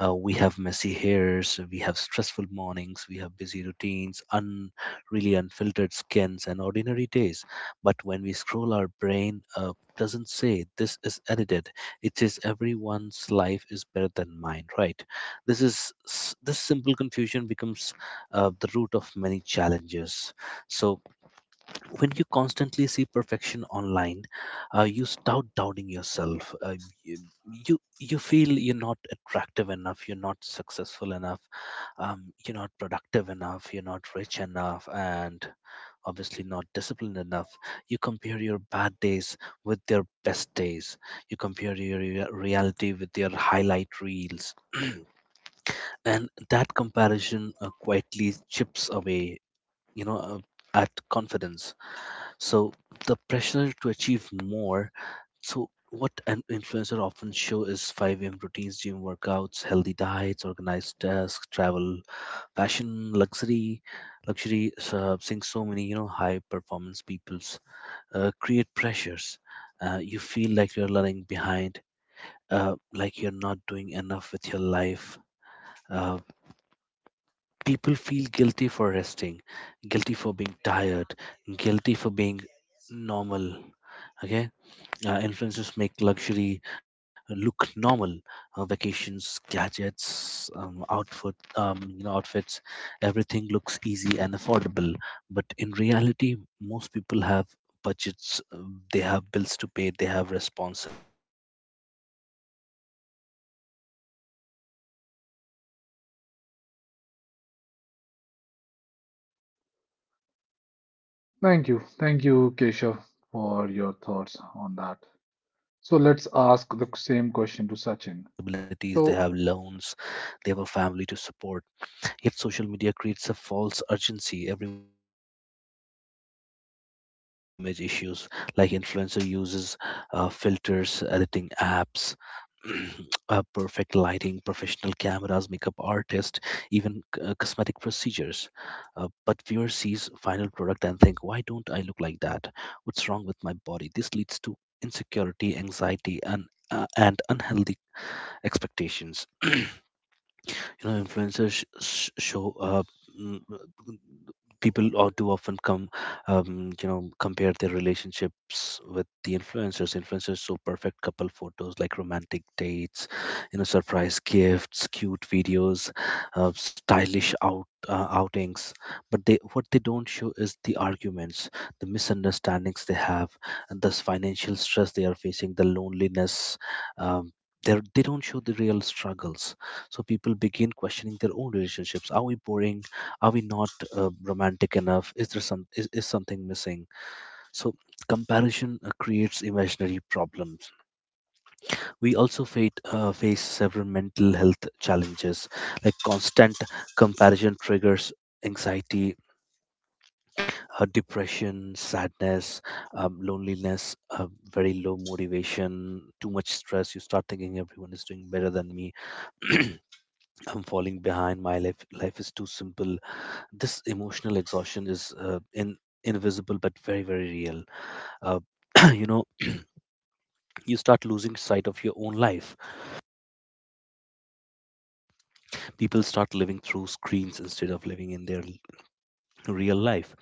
Uh, we have messy hairs, we have stressful mornings, we have busy routines, un really unfiltered skins and ordinary days. But when we scroll, our brain doesn't say this is edited. It says everyone's life is better than mine, right? This simple confusion becomes the root of many challenges. So when you constantly see perfection online, you start doubting yourself. You, you feel you're not attractive enough, you're not successful enough, you're not productive enough, you're not rich enough, and obviously not disciplined enough. You compare your bad days with their best days. You compare your reality with their highlight reels, and that comparison quietly chips away, you know uh, at confidence. So the pressure to achieve more, so what an influencer often show is 5 a.m. routines, gym workouts, healthy diets, organized tasks, travel, fashion, luxury. Uh, seeing so many high performance peoples create pressures. Uh, you feel like you're running behind, like you're not doing enough with your life. Uh, people feel guilty for resting, guilty for being tired, guilty for being normal. Okay, influencers make luxury look normal. Vacations, gadgets, outfits. Everything looks easy and affordable, but in reality, most people have budgets. They have bills to pay. They have responsibilities. They have loans. They have a family to support. Yet social media creates a false urgency. Everyone is buying this. Should I? Everyone is traveling. Why
Thank
not
you.
me?
Thank you, Keshav, for
This
your thoughts
comparison
on
leads to
that.
overspending.
So
You know,
let's ask
stress,
the same question to Sachin. So,
unnecessary pressure to keep up. You know, b- b- there are several body image issues, like influencer uses filters, editing apps, perfect lighting, professional cameras, makeup artist, even cosmetic procedures. Uh, but viewer sees final product and think, why don't I look like that? What's wrong with my body? This leads to insecurity, anxiety, and unhealthy expectations. You know, influencers sh- sh- show mm, people or do often come you know compare their relationships with the influencers. Show perfect couple photos, like romantic dates, you know, surprise gifts, cute videos, stylish out outings. But they what they don't show is the arguments, the misunderstandings they have, and thus financial stress they are facing, the loneliness. um, they don't show the real struggles. So people begin questioning their own relationships. Are we boring? Are we not romantic enough? Is there is something missing? So comparison creates imaginary problems. We also face several mental health challenges, like constant comparison triggers anxiety, depression, sadness, loneliness, very low motivation, too much stress. You start thinking everyone is doing better than me. I'm falling behind. My life is too simple. This emotional exhaustion is in invisible but very very real. Uh, you know, you start losing sight of your own life. People start living through screens instead of living in real life.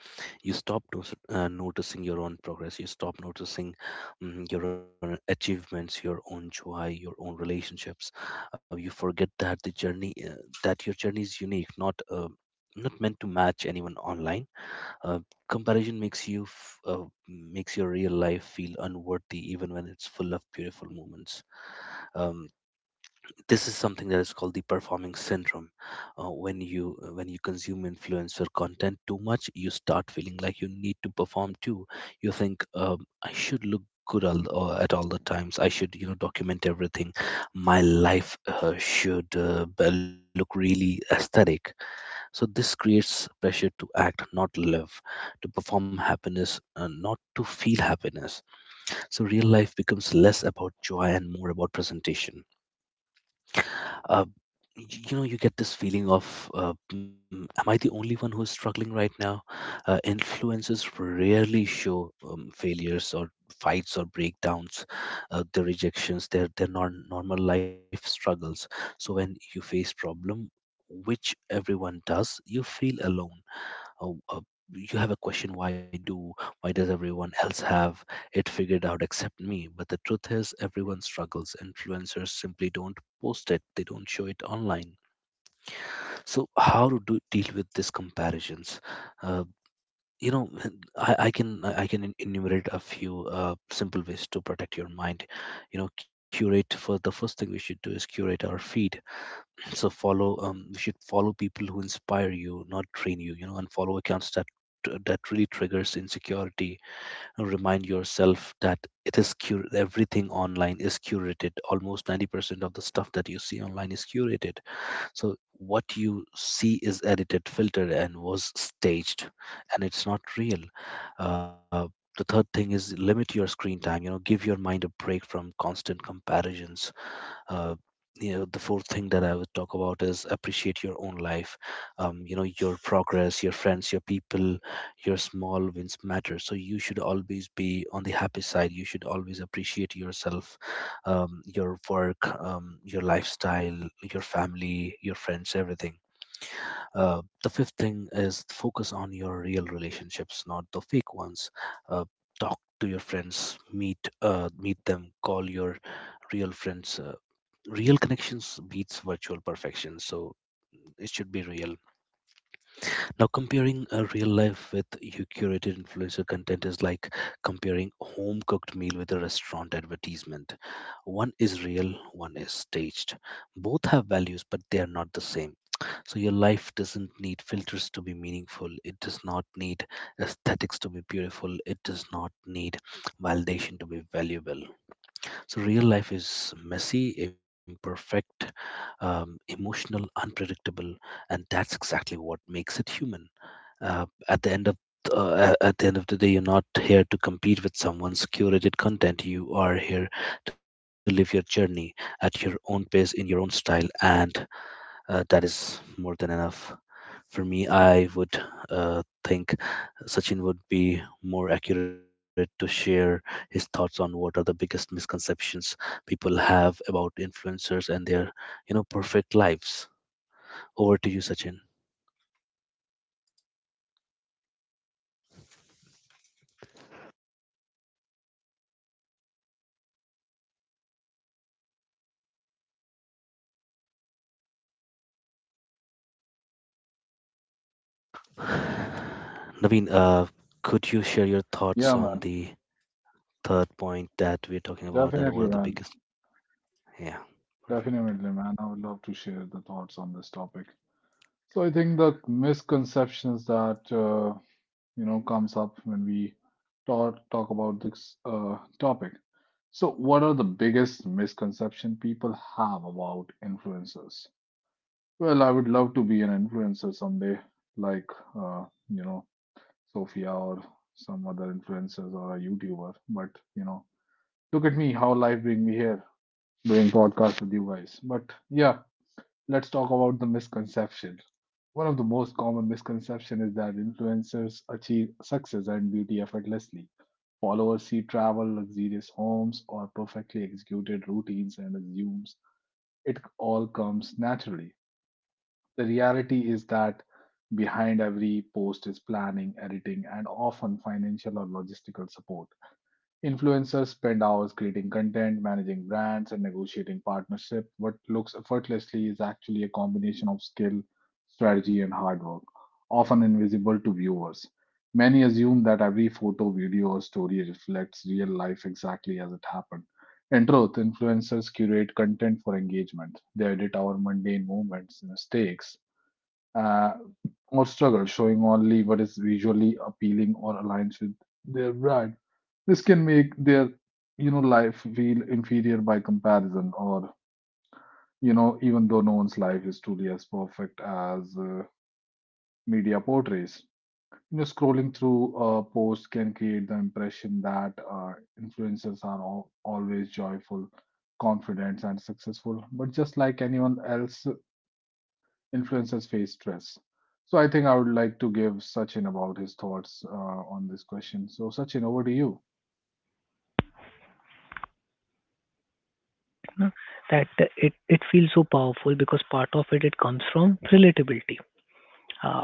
You stop noticing your own progress. You stop noticing your own achievements, your own joy, your own relationships. You forget that your journey is unique, not meant to match anyone online. Uh, Comparison makes your real life feel unworthy even when it's full of beautiful moments. um, this is something that is called the performing syndrome. When you consume influencer content too much, you start feeling like you need to perform too. You think, "I should look good at all the times. I should, you know, document everything. My life should look really aesthetic." So this creates pressure to act, not live, to perform happiness, not to feel happiness. So real life becomes less about joy and more about presentation. Uh, you know, you get this feeling of, "Mm, am I the only one who is struggling right now? Influencers rarely show failures or fights or breakdowns, their rejections, their non normal life struggles. So when you face problem, which everyone does, you feel alone." uh, uh, you have a question: why do, why does everyone else have it figured out except me? But the truth is, everyone struggles. Influencers simply don't post it. They don't show it online. So how to do, deal with these comparisons? Uh, you know I can enumerate a few uh, simple ways to protect your mind. You know curate for the first thing we should do is curate our feed. So follow, you should follow people who inspire you, not drain you. You know, unfollow accounts that really triggers insecurity. And remind yourself that everything online is curated. Almost 90% of the stuff that you see online is curated. So what you see is edited, filtered, and was staged, and it's not real. uh, the third thing is limit your screen time. You know, give your mind a break from constant comparisons. Uh, you know the fourth thing that I would talk about is appreciate your own life. You know, your progress, your friends, your people, your small wins matter. So you should always be on the happy side. You should always appreciate yourself, your work, your lifestyle, your family, your friends, everything. The fifth thing is focus on your real relationships, not the fake ones. Uh, Talk to your friends, meet them, call your real friends. Real connections beats virtual perfection, so it should be real. Now, comparing a real life with your curated influencer content is like comparing home cooked meal with a restaurant advertisement. One is real, one is staged. Both have values, but they are not the same. So your life doesn't need filters to be meaningful. It does not need aesthetics to be beautiful. It does not need validation to be valuable. So real life is messy, imperfect, emotional, unpredictable, and that's exactly what makes it human. uh, at the end of at the end of the day, you're not here to compete with someone's curated content. You are here to live your journey at your own pace, in your own style, and that is more than enough. For me, I would think Sachin would be more accurate to share his thoughts on what are the biggest misconceptions people have about influencers and their, you know, perfect lives. Over to you, Sachin. Naveen, could you share your thoughts
yeah,
on
man,
the third point that we're talking about? That what
definitely,
are the
man.
biggest? Yeah, perfect.
Definitely, man. I would love to share the thoughts on this topic. So I think the misconceptions that, you know, comes up when we talk about this topic. So, what are the biggest misconception people have about influencers? Well, I would love to be an influencer someday, like, you know, Sophia or some other influencers or a YouTuber. But you know, look at me, how life bring me here doing podcast with you guys. But yeah, let's talk about the misconception. One of the most common misconception is that influencers achieve success and beauty effortlessly. Followers see travel, luxurious homes, or perfectly executed routines and assumes it all comes naturally. The reality is that behind every post is planning, editing, and often financial or logistical support. Influencers spend hours creating content, managing brands, and negotiating partnership. What looks effortlessly is actually a combination of skill, strategy, and hard work, often invisible to viewers. Many assume that every photo, video, or story reflects real life exactly as it happened. In truth, influencers curate content for engagement. They edit our mundane moments, mistakes, uh, or struggle, showing only what is visually appealing or aligns with their brand. This can make their, you know, life feel inferior by comparison, or, you know, even though no one's life is truly as perfect as media portrays. You know, scrolling through a post can create the impression that influencers are all, always joyful, confident, and successful. But just like anyone else, influencers face stress. So I think I would like to give Sachin about his thoughts on this question. So Sachin, over to you.
No? That it feels so powerful because part of it it comes from relatability. Uh,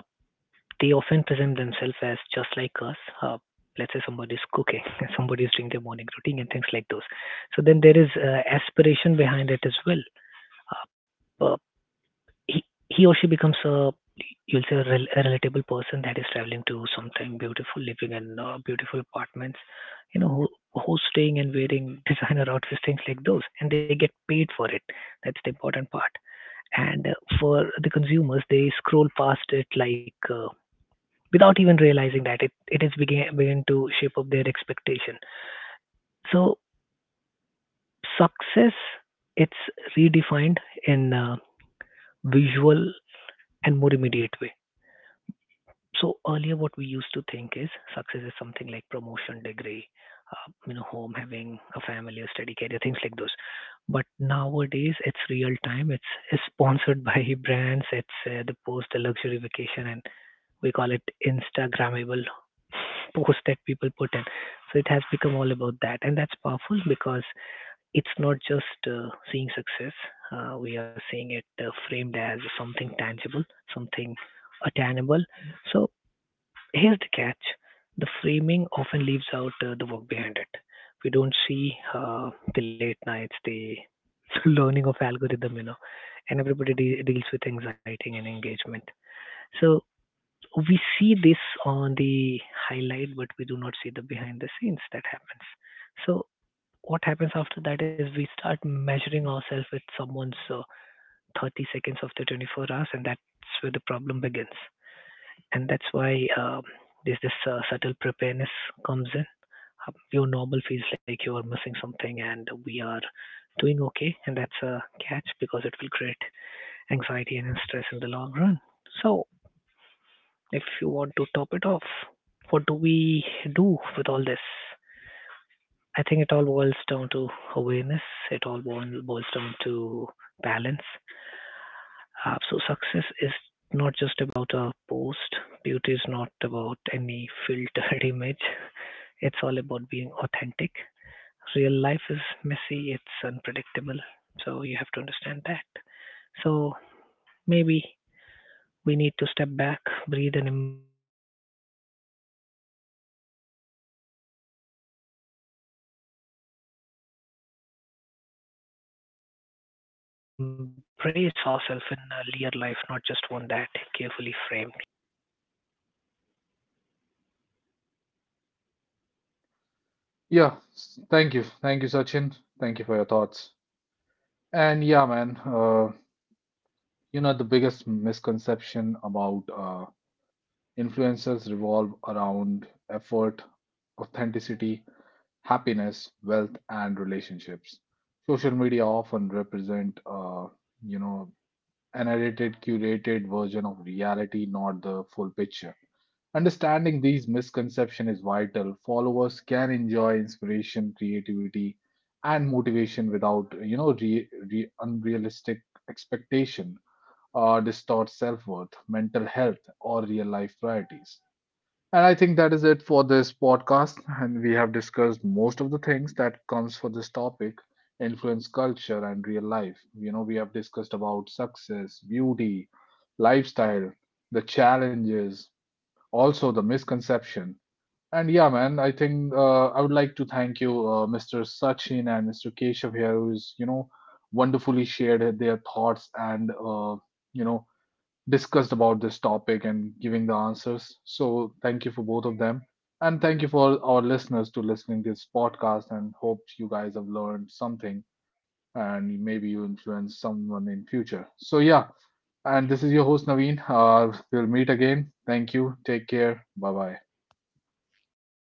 they often present themselves as just like us. Let's say somebody's cooking, somebody's doing their morning routine and things like those. So then there is aspiration behind it as well. Uh, he, he or she becomes a you'll say a, a relatable person that is traveling to something beautiful, living in beautiful apartments, you know, who's staying and wearing designer outfits, things like those, and they get paid for it. That's the important part. And for the consumers, they scroll past it like without even realizing that it is begin to shape up their expectation. So success, it's redefined in a visual and more immediate way. So earlier, what we used to think is success is something like promotion, degree, you know, home, having a family, a steady career, things like those. But nowadays, it's real time. It's sponsored by brands. It's the post, the luxury vacation, and we call it Instagrammable post that people put in. So it has become all about that, and that's powerful because it's not just seeing success. We are seeing it framed as something tangible, something attainable. So here's the catch, the framing often leaves out the work behind it. We don't see the late nights, the learning of algorithm, you know, and everybody deals with anxiety and engagement. So we see this on the highlight, but we do not see the behind the scenes that happens. So what happens after that is we start measuring ourselves with someone's 30 seconds of the 24 hours, and that's where the problem begins and that's why there's this subtle preparedness comes in. Your normal feels like you are missing something, and we are doing okay, and that's a catch because it will create anxiety and stress in the long run. So, if you want to top it off, what do we do with all this? I think it all boils down to awareness. It all boils down to balance. So success is not just about a post. Beauty is not about any filtered image. It's all about being authentic. Real life is messy, it's unpredictable. So you have to understand that. So maybe we need to step back, breathe, and embrace ourselves in a real life, not just one that carefully framed like this. But yeah, that's what I think.
Yeah, thank you. Thank you, Sachin. Thank you for your thoughts. And yeah, man, you know, the biggest misconception about influencers revolve around effort, authenticity, happiness, wealth, and relationships. Social media often represent, you know, an edited, curated version of reality, not the full picture. Understanding these misconceptions is vital. Followers can enjoy inspiration, creativity, and motivation without, you know, unrealistic expectation or distort self-worth, mental health, or real-life priorities. And I think that is it for this podcast. And we have discussed most of the things that comes for this topic, influence culture and real life. You know, we have discussed about success, beauty, lifestyle, the challenges, also the misconception. And yeah, man, I think, I would like to thank you, Mr. Sachin and Mr. Keshav here, who's, you know, wonderfully shared their thoughts and, you know, discussed about this topic and giving the answers. So thank you for both of them. And thank you for our listeners to listening this podcast and hope you guys have learned something and maybe you influence someone in future. So yeah, and this is your host Naveen. We'll meet again. Thank you. Take care. Bye bye.
Thank you, Naveen.